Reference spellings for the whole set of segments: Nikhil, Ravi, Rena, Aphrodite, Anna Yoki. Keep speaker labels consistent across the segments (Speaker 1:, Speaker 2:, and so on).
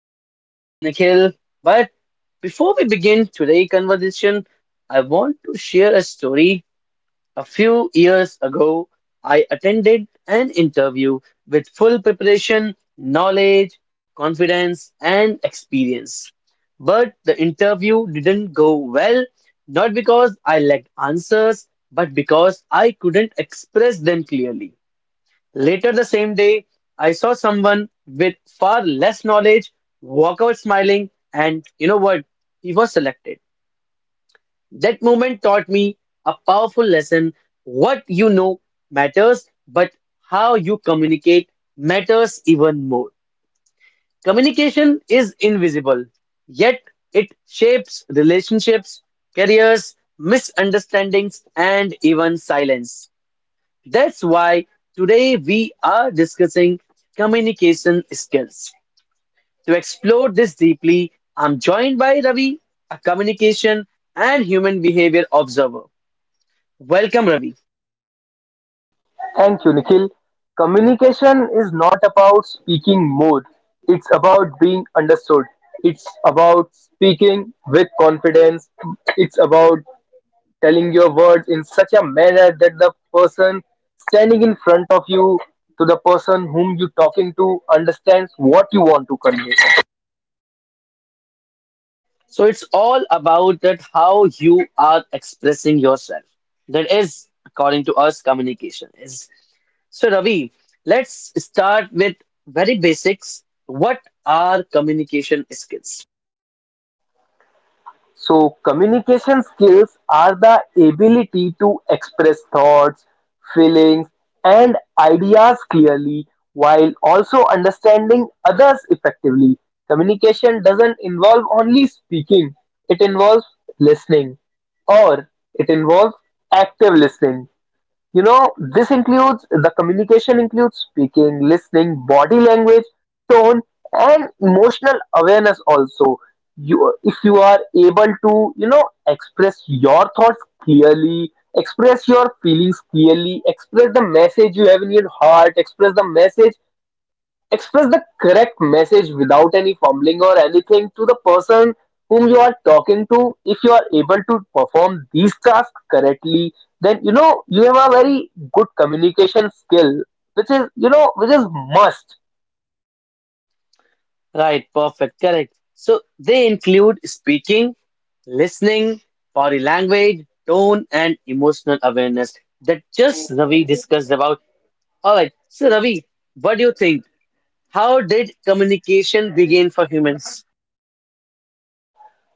Speaker 1: so I'm your host Nikhil. But before we begin today's conversation, I want to share a story. A few years ago, I attended an interview with full preparation, knowledge, confidence, and experience. But the interview didn't go well, not because I lacked answers, but because I couldn't express them clearly. Later the same day, I saw someone with far less knowledge walk out smiling, and you know what? He was selected. That moment taught me a powerful lesson. What you know matters, but how you communicate matters even more. Communication is invisible, yet it shapes relationships, careers, misunderstandings, and even silence. That's why today we are discussing communication skills. To explore this deeply, I'm joined by Ravi, a communication and human behavior observer. Welcome, Ravi.
Speaker 2: Thank you, Nikhil. Communication is not about speaking more, it's about being understood. It's about speaking with confidence. It's about telling your words in such a manner that the person standing in front of you, to the person whom you're talking to, understands what you want to convey.
Speaker 1: So, it's all about that how you are expressing yourself. That is, according to us, communication is. So, Ravi, let's start with very basics. What are communication skills?
Speaker 2: So, communication skills are the ability to express thoughts, feelings, and ideas clearly, while also understanding others effectively. Communication doesn't involve only speaking, it involves listening, or it involves active listening. You know, this includes the communication includes speaking, listening, body language, tone, and emotional awareness also. If you are able to express your thoughts clearly, express your feelings clearly, express the message you have in your heart, express the correct message without any fumbling or anything to the person whom you are talking to. If you are able to perform these tasks correctly, then you have a very good communication skill, which is must.
Speaker 1: Right, perfect, correct. So they include speaking, listening, body language, tone, and emotional awareness that just Ravi discussed about. All right, so Ravi, what do you think? How did communication begin for humans?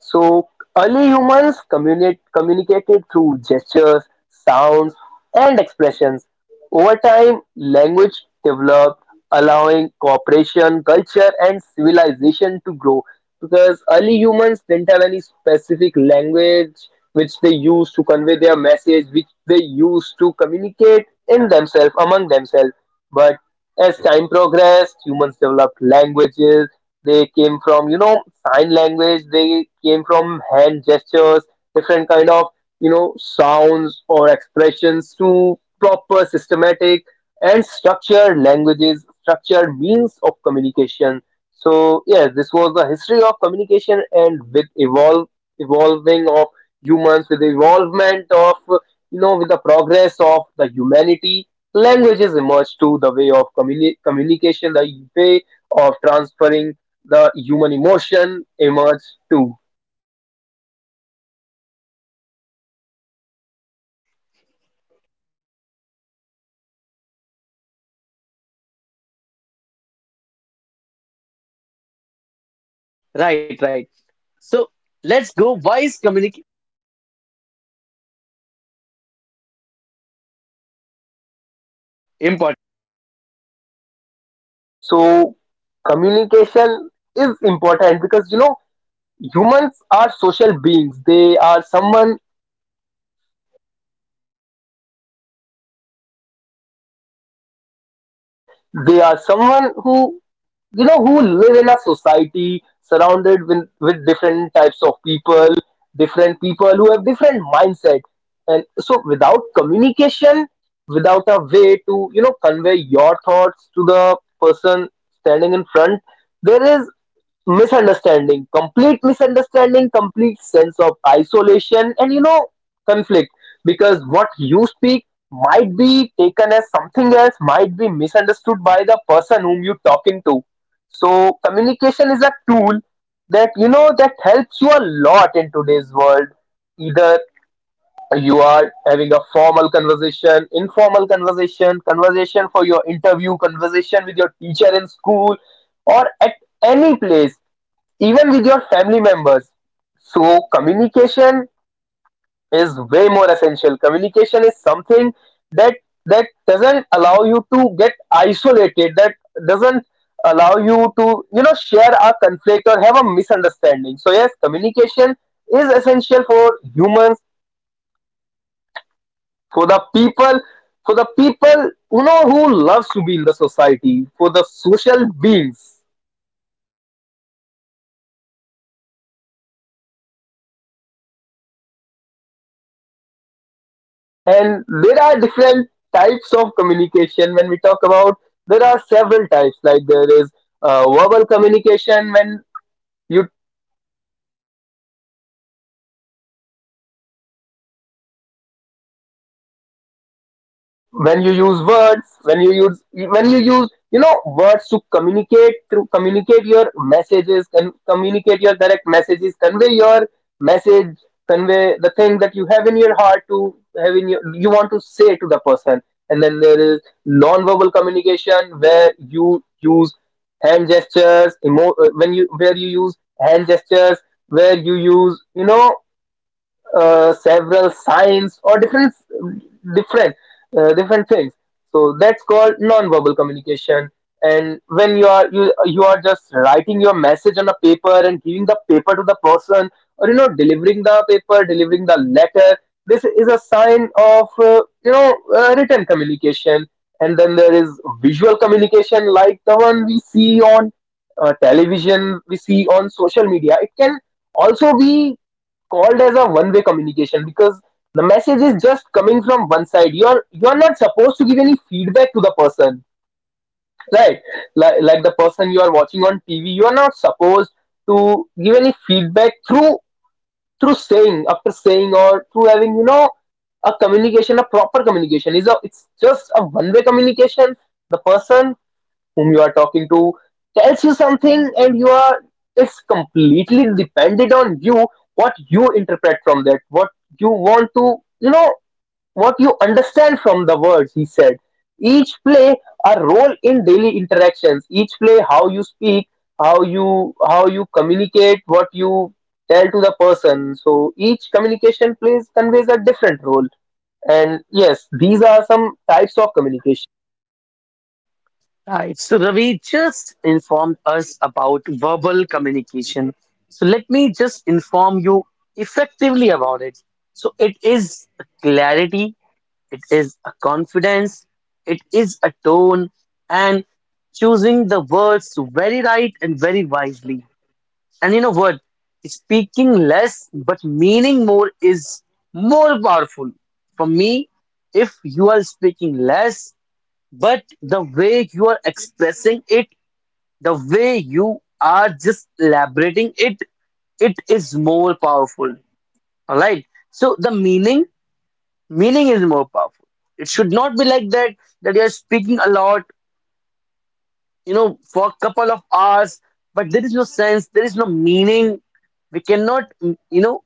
Speaker 2: So early humans communicated through gestures, sounds, and expressions. Over time, language developed, allowing cooperation, culture, and civilization to grow. Because early humans didn't have any specific language which they used to convey their message, which they used to communicate in themselves, among themselves. But as time progressed, humans developed languages. They came from sign language. They came from hand gestures, different kind of sounds or expressions, to proper systematic and structured languages, structured means of communication. So yes, this was the history of communication, and with evolve evolving of humans, with the evolvement of with the progress of the humanity, languages emerged. To the way of communication, the way of transferring the human emotion, emerge too.
Speaker 1: Right, right. So let's go. Why is communication important?
Speaker 2: So communication is important because humans are social beings. They are someone who who live in a society surrounded with different types of people, different people who have different mindset. And so without communication, without a way to convey your thoughts to the person standing in front, there is misunderstanding complete misunderstanding, complete sense of isolation, and conflict, because what you speak might be taken as something else, might be misunderstood by the person whom you're talking to. So communication is a tool that that helps you a lot in today's world, either you are having a formal conversation, informal conversation, conversation for your interview, conversation with your teacher in school, or at any place, even with your family members. So communication is way more essential. Communication is something that that doesn't allow you to get isolated, that doesn't allow you to share a conflict or have a misunderstanding. So yes, communication is essential for humans, for the people, for the people who loves to be in the society, for the social beings. And there are different types of communication. When we talk about, there are several types. Like, there is verbal communication, when you use words, when you use words to communicate your messages, and communicate your direct messages, convey your message, convey the thing that you have in your heart to have in your you want to say to the person. And then there is non-verbal communication, where you use hand gestures, emo- when you where you use hand gestures, where you use you know several signs, or different different things. So that's called non-verbal communication. And when you are you are just writing your message on a paper and giving the paper to the person, or delivering the letter, this is a sign of written communication. And then there is visual communication, like the one we see on television, we see on social media. It can also be called as a one way communication, because the message is just coming from one side. You're not supposed to give any feedback to the person, right? Like the person you are watching on TV, you are not supposed to give any feedback through saying after saying, or through having a proper communication. Is a it's just a one way communication. The person whom you are talking to tells you something, and you are it's completely dependent on you what you interpret from that, what you want to you know what you understand from the words he said. Each play a role in daily interactions. Each play How you speak, how you communicate, what you tell to the person, so each communication plays conveys a different role. And yes, these are some types of communication.
Speaker 1: Right. So Ravi just informed us about verbal communication. So let me just inform you effectively about it. So it is a clarity, it is a confidence, it is a tone, and choosing the words very right and very wisely. And you know what? Speaking less but meaning more is more powerful. For me, if you are speaking less but the way you are expressing it, the way you are just elaborating it, it is more powerful. Alright. So the meaning, meaning is more powerful. It should not be like that, that you are speaking a lot, you know, for a couple of hours, but there is no sense, there is no meaning. We cannot, you know,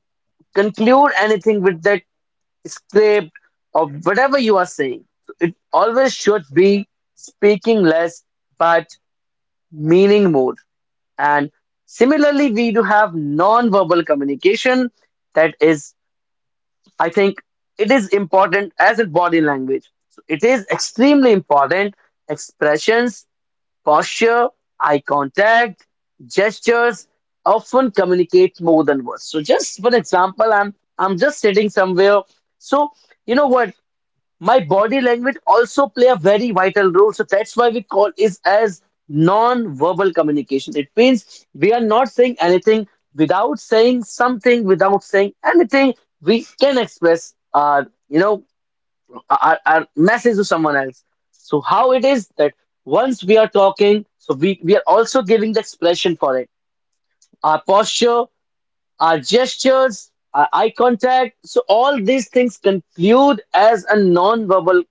Speaker 1: conclude anything with that script or whatever you are saying. So it always should be speaking less, but meaning mode. And similarly, we do have non-verbal communication that is, I think, it is important as in body language. So it is extremely important. Expressions, posture, eye contact, gestures often communicate more than words. So just for example, I'm just sitting somewhere. So you know what? My body language also play a very vital role, so that's why we call is as non-verbal communication. It means we are not saying anything without saying something, without saying anything we can express our, you know, our message to someone else. So how it is that once we are talking, so we are also giving the expression for it, our posture, our gestures, our eye contact. So, all these things conclude as a non-verbal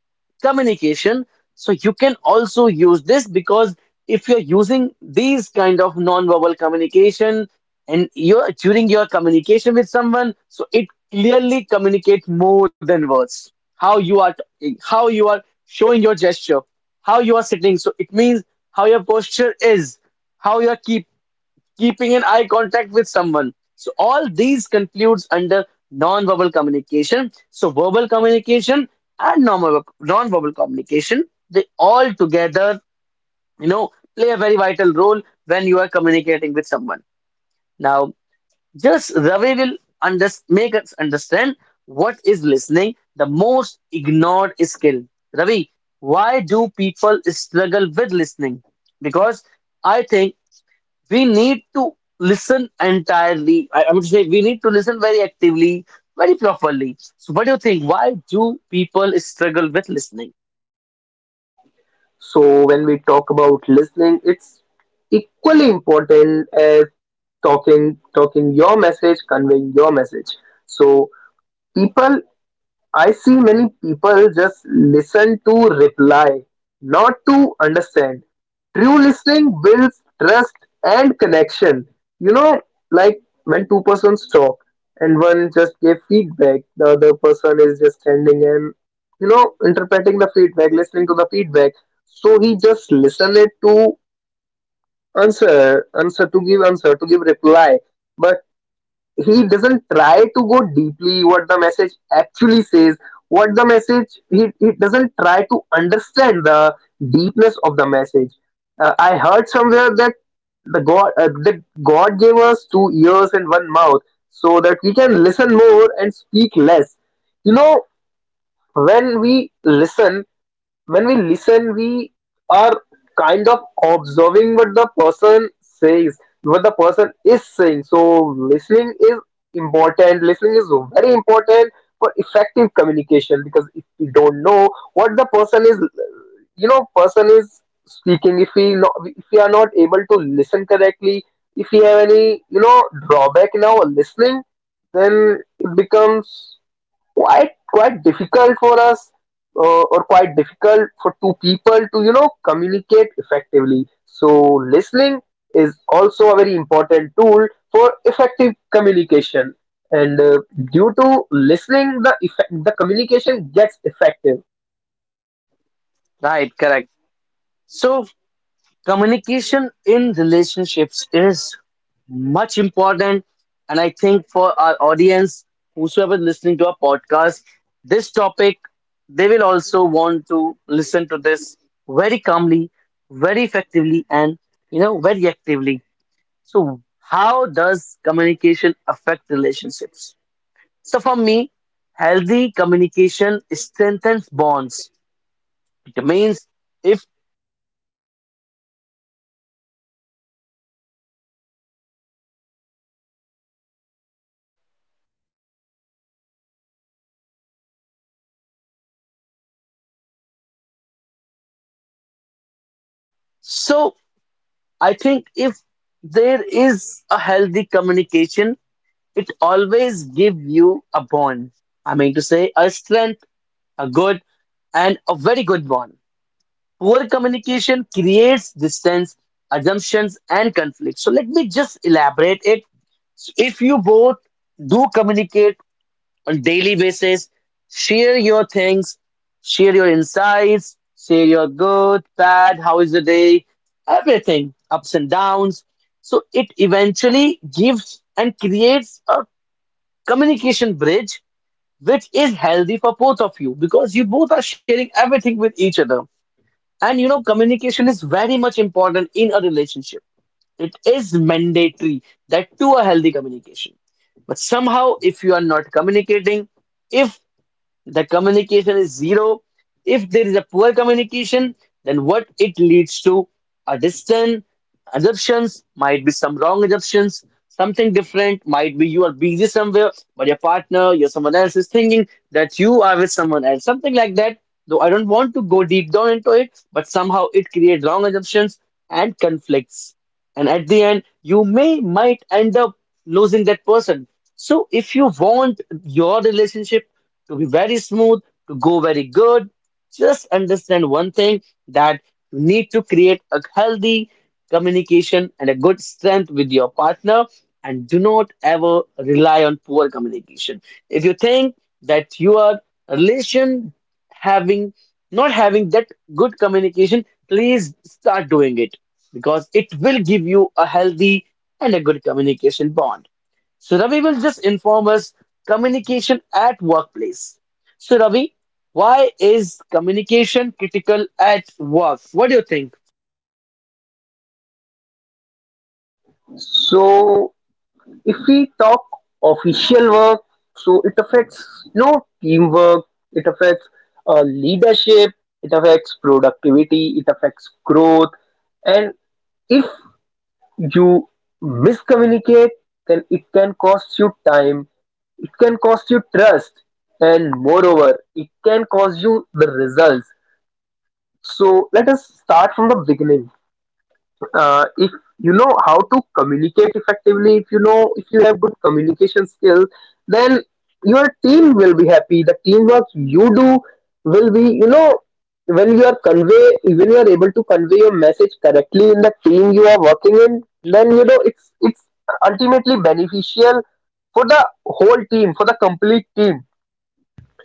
Speaker 1: communication. So, you can also use this because if you're using these kind of non-verbal communication and you're during your communication with someone, so it clearly communicates more than words. How you are talking, how you are showing your gesture, how you are sitting. So, it means how your posture is, how your keeping an eye contact with someone. So all these concludes under non-verbal communication. So verbal communication and non-verbal communication, they all together, you know, play a very vital role when you are communicating with someone. Now, just Ravi will make us understand what is listening, the most ignored skill. Ravi, why do people struggle with listening? Because I think we need to listen entirely. I would say we need to listen very actively, very properly. So, what do you think? Why do people struggle with listening?
Speaker 2: So when we talk about listening, it's equally important as talking your message, conveying your message. So people I see many people just listen to reply, not to understand. True listening builds trust and connection. You know, like when two persons talk and one just gave feedback, the other person is just standing and interpreting the feedback, listening to the feedback. So he just listen it to answer, to give reply. But he doesn't try to go deeply what the message actually says, what the message he doesn't try to understand the deepness of the message. I heard somewhere that the god that god gave us two ears and one mouth, so that we can listen more and speak less. You know when we listen when we listen, we are kind of observing what the person says, what the person is saying. So listening is important. Listening is very important for effective communication, because if we don't know what the person is speaking, if we are not able to listen correctly, if we have any drawback in our listening, then it becomes quite difficult for us, or quite difficult for two people to communicate effectively. So listening is also a very important tool for effective communication. And due to listening, the effect, the communication gets effective.
Speaker 1: Right, correct. So, communication in relationships is much important, and I think for our audience, whosoever listening to our podcast, this topic they will also want to listen to this very calmly, very effectively, and you know, very actively. So, how does communication affect relationships? So, for me, healthy communication strengthens bonds. It means if so, I think if there is a healthy communication, it always give you a bond. I mean to say a strength, a good, and a very good bond. Poor communication creates distance, assumptions, and conflict. So let me just elaborate it. So if you both do communicate on daily basis, share your things, share your insights, share your good, bad, how is the day, everything, ups and downs. So it eventually gives and creates a communication bridge which is healthy for both of you because you both are sharing everything with each other, and you know, communication is very much important in a relationship. It is mandatory that to a healthy communication. But somehow, if you are not communicating, if the communication is zero. If there is a poor communication, then what it leads to are distant assumptions, might be some wrong assumptions, something different, might be you are busy somewhere, but your partner, your someone else is thinking that you are with someone else, something like that. Though I don't want to go deep down into it, but somehow it creates wrong assumptions and conflicts, and at the end you may might end up losing that person. So if you want your relationship to be very smooth, to go very good, just understand one thing, that you need to create a healthy communication and a good strength with your partner, and do not ever rely on poor communication. If you think that your relation having not having that good communication, please start doing it, because it will give you a healthy and a good communication bond. So Ravi will just inform us communication at workplace. So Ravi, why is communication critical at work? What do you think?
Speaker 2: So if we talk official work, so it affects teamwork, it affects leadership, it affects productivity, it affects growth, and if you miscommunicate, then it can cost you time, it can cost you trust, and moreover, it can cost you the results. So let us start from the beginning. If you know how to communicate effectively, if you have good communication skills, then your team will be happy. The teamwork you do will be, when you are able to convey your message correctly in the team you are working in, then it's ultimately beneficial for the whole team, for the complete team.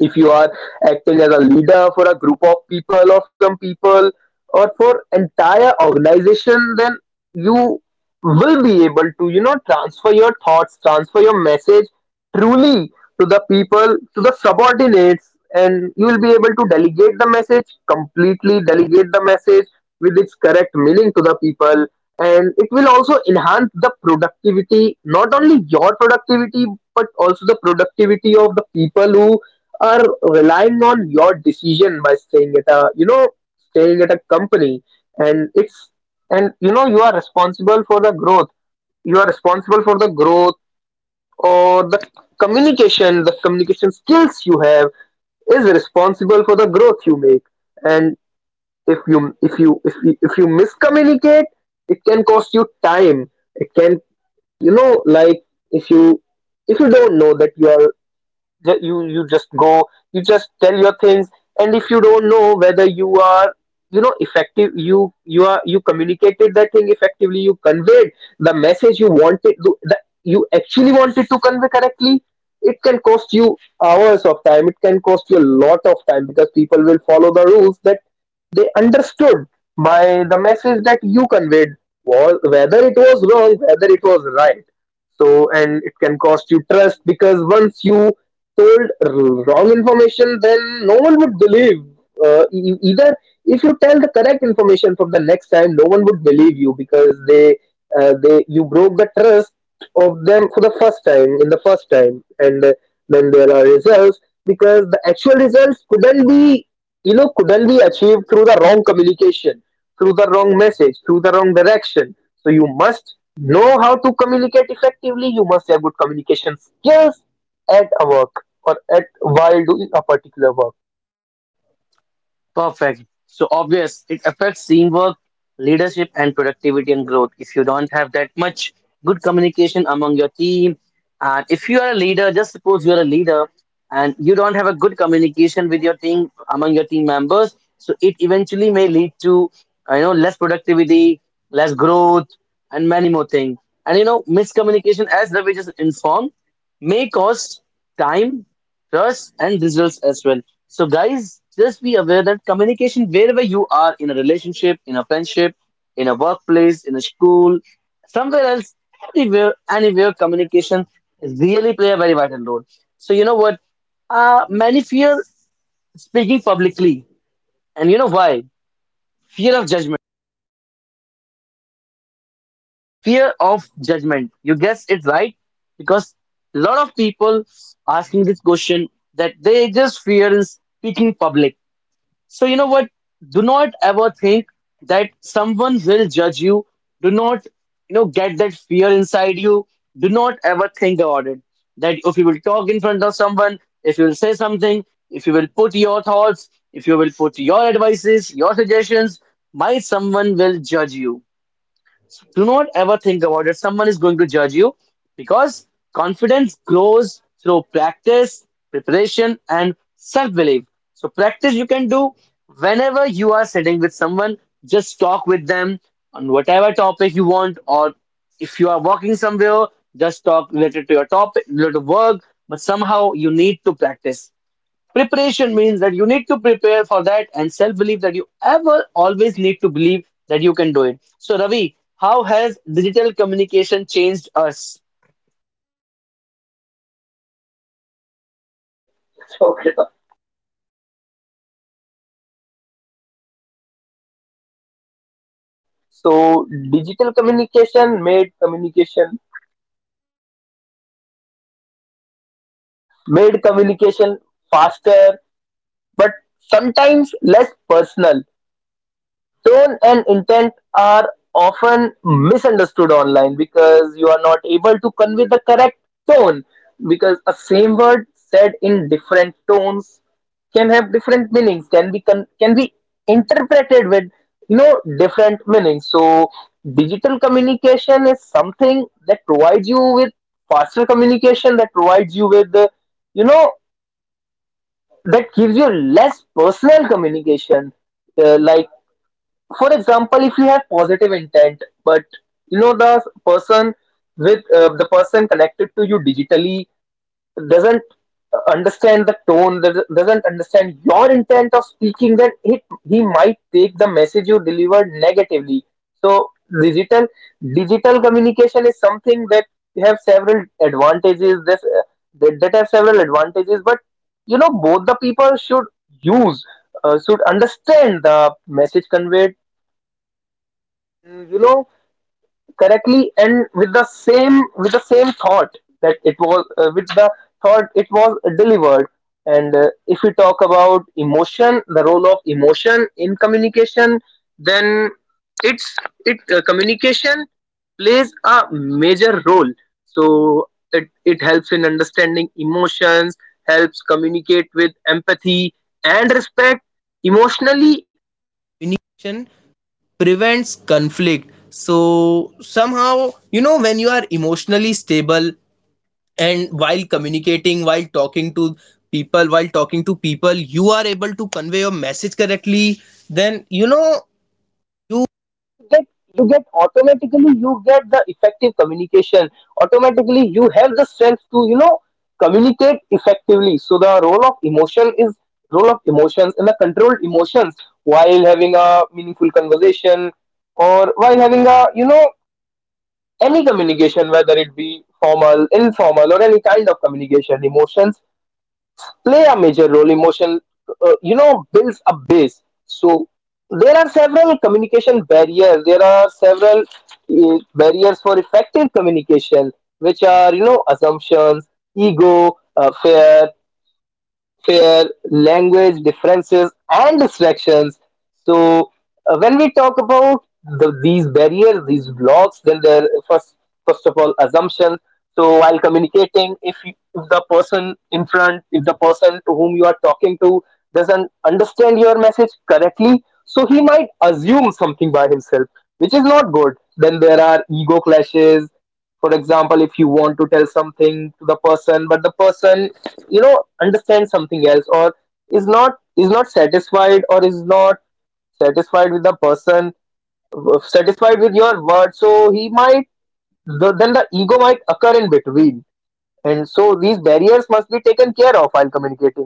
Speaker 2: If you are acting as a leader for a group of people, or for some people, or for entire organization, then you will be able to transfer your thoughts, transfer your message truly to the people, to the subordinates. And you will be able to delegate the message, completely delegate the message with its correct meaning to the people. And it will also enhance the productivity, not only your productivity, but also the productivity of the people who are relying on your decision, by staying at a company. And it's and you are responsible for the growth, or the communication skills you have is responsible for the growth you make. And if you miscommunicate, it can cost you time, it can, like, if you don't know that you are Ju- you just go you just tell your things. And if you don't know whether you are effective, you communicated that thing effectively, you conveyed the message, you wanted to that you actually wanted to convey correctly, it can cost you hours of time. It can cost you a lot of time, because people will follow the rules that they understood by the message that you conveyed, was, whether it was wrong, whether it was right. So, and it can cost you trust, because once you told wrong information, then no one would believe. Either, if you tell the correct information from the next time, no one would believe you, because they you broke the trust of them for the first time, and then there are results, because the actual results couldn't be achieved through the wrong communication, through the wrong message, through the wrong direction. So you must know how to communicate effectively. You must have good communication skills at a work or at while doing a particular work.
Speaker 1: Perfect. So obvious, it affects teamwork, leadership, and productivity and growth. If you don't have that much good communication among your team, and if you are a leader, just suppose you are a leader and you don't have a good communication with your team among your team members, so it eventually may lead to you know, less productivity, less growth, and many more things. And you know miscommunication, as Ravi just informed, may cost time, trust, and results as well. So, guys, just be aware that communication, wherever you are, in a relationship, in a friendship, in a workplace, in a school, somewhere else, everywhere, anywhere, communication really play a very vital role. So, you know what? Many fear speaking publicly, and you know why? Fear of judgment. Fear of judgment. You guess it right, because a lot of people asking this question, that they just fear in speaking public. So, you know what? Do not ever think that someone will judge you. Do not, you know, get that fear inside you. Do not ever think about it. That if you will talk in front of someone, if you will say something, if you will put your thoughts, if you will put your advices, your suggestions, might someone will judge you, do not ever think about it. Someone is going to judge you, because confidence grows through practice, preparation, and self belief. So, practice you can do whenever you are sitting with someone, just talk with them on whatever topic you want, or if you are working somewhere, just talk related to your topic, related to work, but somehow you need to practice. Preparation means that you need to prepare for that, and self belief that you ever always need to believe that you can do it. So, Ravi, how has digital communication changed us?
Speaker 2: Okay, sir. Good. So digital communication made communication made communication faster, but sometimes less personal. Tone and intent are often misunderstood online because you are not able to convey the correct tone, because a same word said in different tones can have different meanings, can be can be interpreted with different meanings. So digital communication is something that provides you with faster communication, that provides you with you know that gives you less personal communication. Like, for example, if you have positive intent but the person with the person connected to you digitally doesn't understand the tone, doesn't understand your intent of speaking, then he might take the message you delivered negatively. So digital digital communication is something that have several advantages. That have several advantages, but both the people should use, should understand the message conveyed, you know correctly, and with the same, with the same thought that it was, with the thought it was delivered. And if we talk about emotion, the role of emotion in communication, then it's it communication plays a major role. So it helps in understanding emotions, helps communicate with empathy and respect. Emotionally, communication prevents conflict. So somehow, you know, when you are emotionally stable and while communicating, while talking to people you are able to convey your message correctly, then you get you get, automatically you get the effective communication. Automatically you have the strength to, you know, communicate effectively. So the role of emotion is, role of emotions and the controlled emotions while having a meaningful conversation, or while having a, you know, any communication, whether it be formal, informal, or any kind of communication, emotions play a major role. Emotion, you know, builds a base. So there are several communication barriers, there are several barriers for effective communication, which are, you know, assumptions, ego, fear, fare, language differences, and distractions. So, when we talk about these barriers, these blocks, then there first of all assumptions. So, while communicating, if the person in front, if the person to whom you are talking to doesn't understand your message correctly, so he might assume something by himself, which is not good. Then there are ego clashes. For example, if you want to tell something to the person but the person, you know, understand something else, or is not satisfied, or is not satisfied with the person, satisfied with your word, so he might, then the ego might occur in between. And so these barriers must be taken care of while communicating.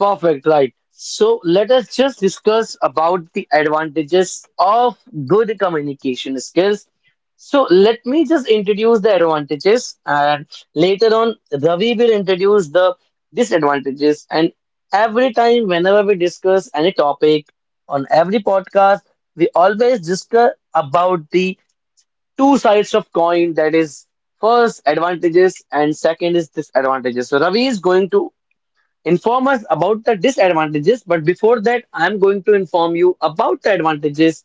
Speaker 1: Perfect, right. So let us just discuss about the advantages of good communication skills. So let me just introduce the advantages, and later on Ravi will introduce the disadvantages, and every time whenever we discuss any topic on every podcast we always discuss about the two sides of coin, that is first advantages and second is disadvantages. So Ravi is going to inform us about the disadvantages. But before that, I'm going to inform you about the advantages.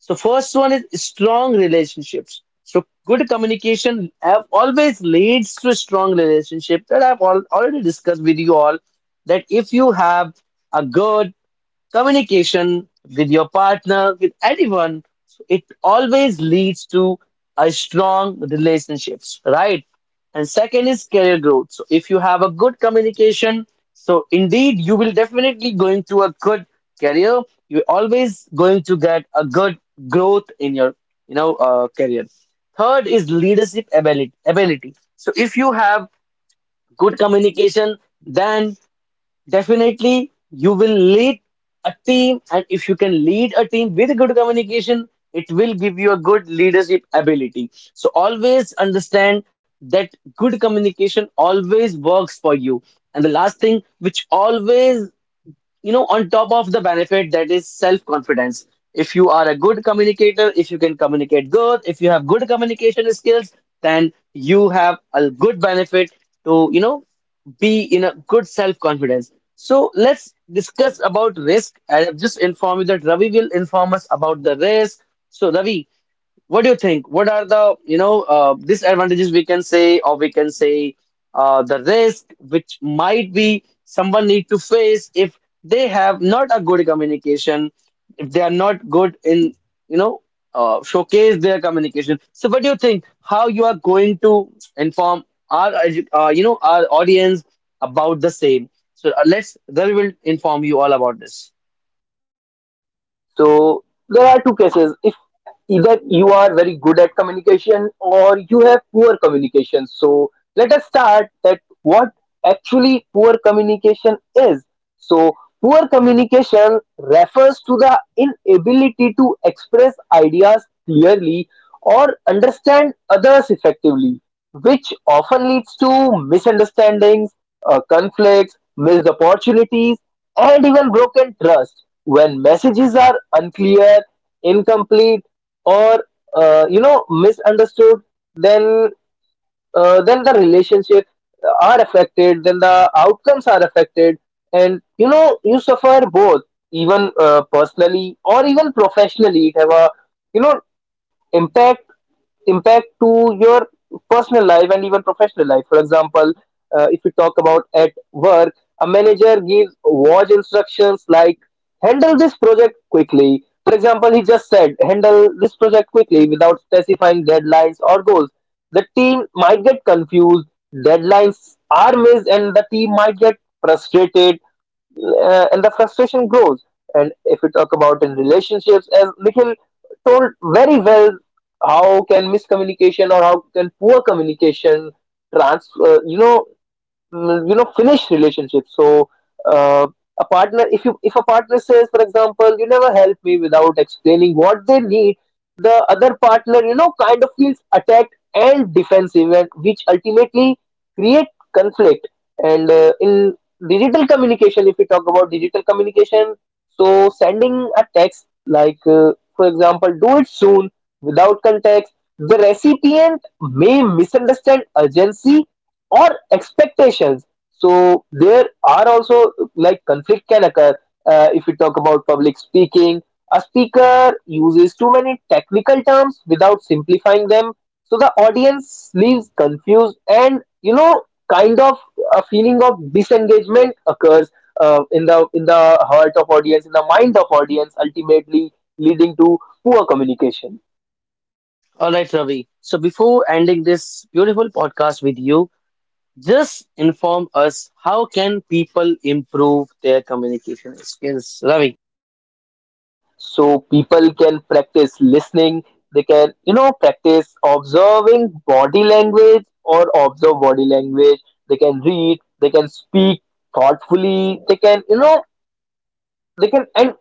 Speaker 1: So, first one is strong relationships. So, good communication have always leads to strong relationship that I've already discussed with you all. That if you have a good communication with your partner, with anyone, it always leads to a strong relationships, right? And second is career growth. So if you have a good communication, so indeed you will definitely going to a good career. You're always going to get a good growth in your, you know, career. Third is leadership ability. Ability. So if you have good communication, then definitely you will lead a team, and if you can lead a team with good communication it will give you a good leadership ability. So always understand that good communication always works for you, and the last thing which always, you know, on top of the benefit, that is self confidence. If you are a good communicator, if you can communicate good, if you have good communication skills, then you have a good benefit to, you know, be in a good self confidence. So let's discuss about risk. I have just informed you that Ravi will inform us about the risk. So Ravi, what do you think? What are the, you know, disadvantages we can say, or we can say the risk which might be someone need to face if they have not a good communication, if they are not good in, you know, showcase their communication. So what do you think? How you are going to inform our, you know, our audience about the same? So let's, Ravi will inform you all about this.
Speaker 2: So there are two cases: if either you are very good at communication or you have poor communication. So let us start that what actually poor communication is. So poor communication refers to the inability to express ideas clearly or understand others effectively, which often leads to misunderstandings, conflicts, missed opportunities, and even broken trust when messages are unclear, incomplete, or you know, misunderstood. Then then the relationship are affected, then the outcomes are affected, and you know, you suffer both, even personally or even professionally. It have a, you know, impact, impact to your personal life and even professional life. For example, if we talk about at work, a manager gives watch instructions like "handle this project quickly". For example, he just said "handle this project quickly" without specifying deadlines or goals, the team might get confused, deadlines are missed, and the team might get frustrated, and the frustration grows. And if we talk about in relationships, as Nikhil told very well, how can miscommunication, or how can poor communication, trans, you know, l- you know, finish relationship. So uh, a partner, if a partner says, for example, "you never help me" without explaining what they need, the other partner, you know, kind of feels attacked and defensive, and which ultimately create conflict. And in digital communication, if we talk about digital communication, so sending a text like, for example, "do it soon" without context, the recipient may misunderstand urgency or expectations. So there are also like conflict can occur. If we talk about public speaking, a speaker uses too many technical terms without simplifying them, so the audience leaves confused, and you know, kind of a feeling of disengagement occurs in the heart of audience, in the mind of audience, ultimately leading to poor communication.
Speaker 1: All right, Ravi. So before ending this beautiful podcast with you, just inform us how can people improve their communication skills, Ravi?
Speaker 2: So people can practice listening, they can, you know, practice observing body language, or observe body language. They can read, they can speak thoughtfully, they can, you know, they can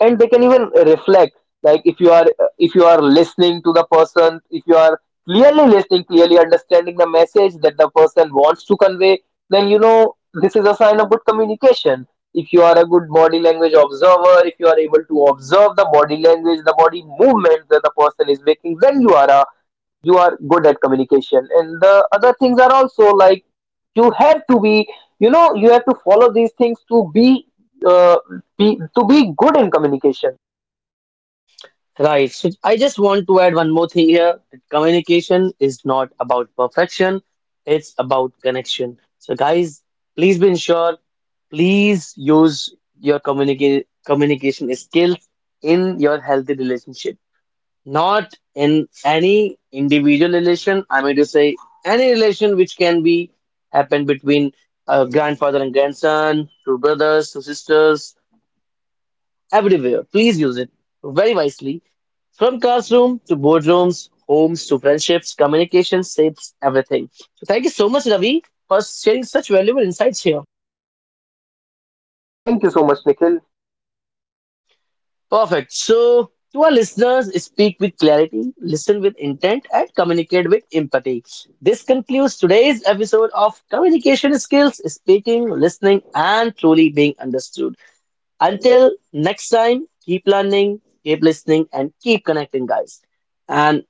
Speaker 2: and they can even reflect. Like, if you are listening to the person, if you are clearly listening, clearly understanding the message that the person wants to convey, then you know, this is a sign of good communication. If you are a good body language observer, if you are able to observe the body language, the body movement that the person is making, then you are good at communication. And the other things are also like, you have to be, you know, you have to follow these things to be, uh, to be good in communication.
Speaker 1: Right. So I just want to add one more thing here, that communication is not about perfection, it's about connection. So guys, please be sure, please use your communication skills in your healthy relationship. Not in any individual relation, I mean to say any relation which can be happen between grandfather and grandson, two brothers, two sisters, everywhere please use it very wisely. From classroom to boardrooms, homes to friendships, communication shapes everything. So thank you so much Ravi for sharing such valuable insights here.
Speaker 2: Thank you so much, Nikhil.
Speaker 1: Perfect. So, to our listeners, speak with clarity, listen with intent, and communicate with empathy. This concludes today's episode of Communication Skills Speaking, Listening, and Truly Being Understood. Until next time, keep learning, keep listening, and keep connecting, guys. And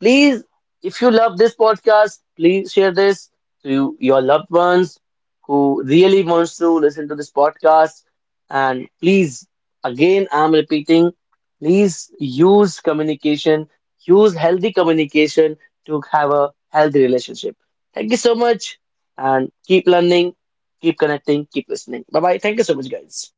Speaker 1: please, if you love this podcast, please share this to your loved ones who really wants to listen to this podcast. And please, again, I'm repeating, please use communication, use healthy communication to have a healthy relationship. Thank you so much, and keep learning, keep connecting, keep listening. Bye bye. Thank you so much, guys.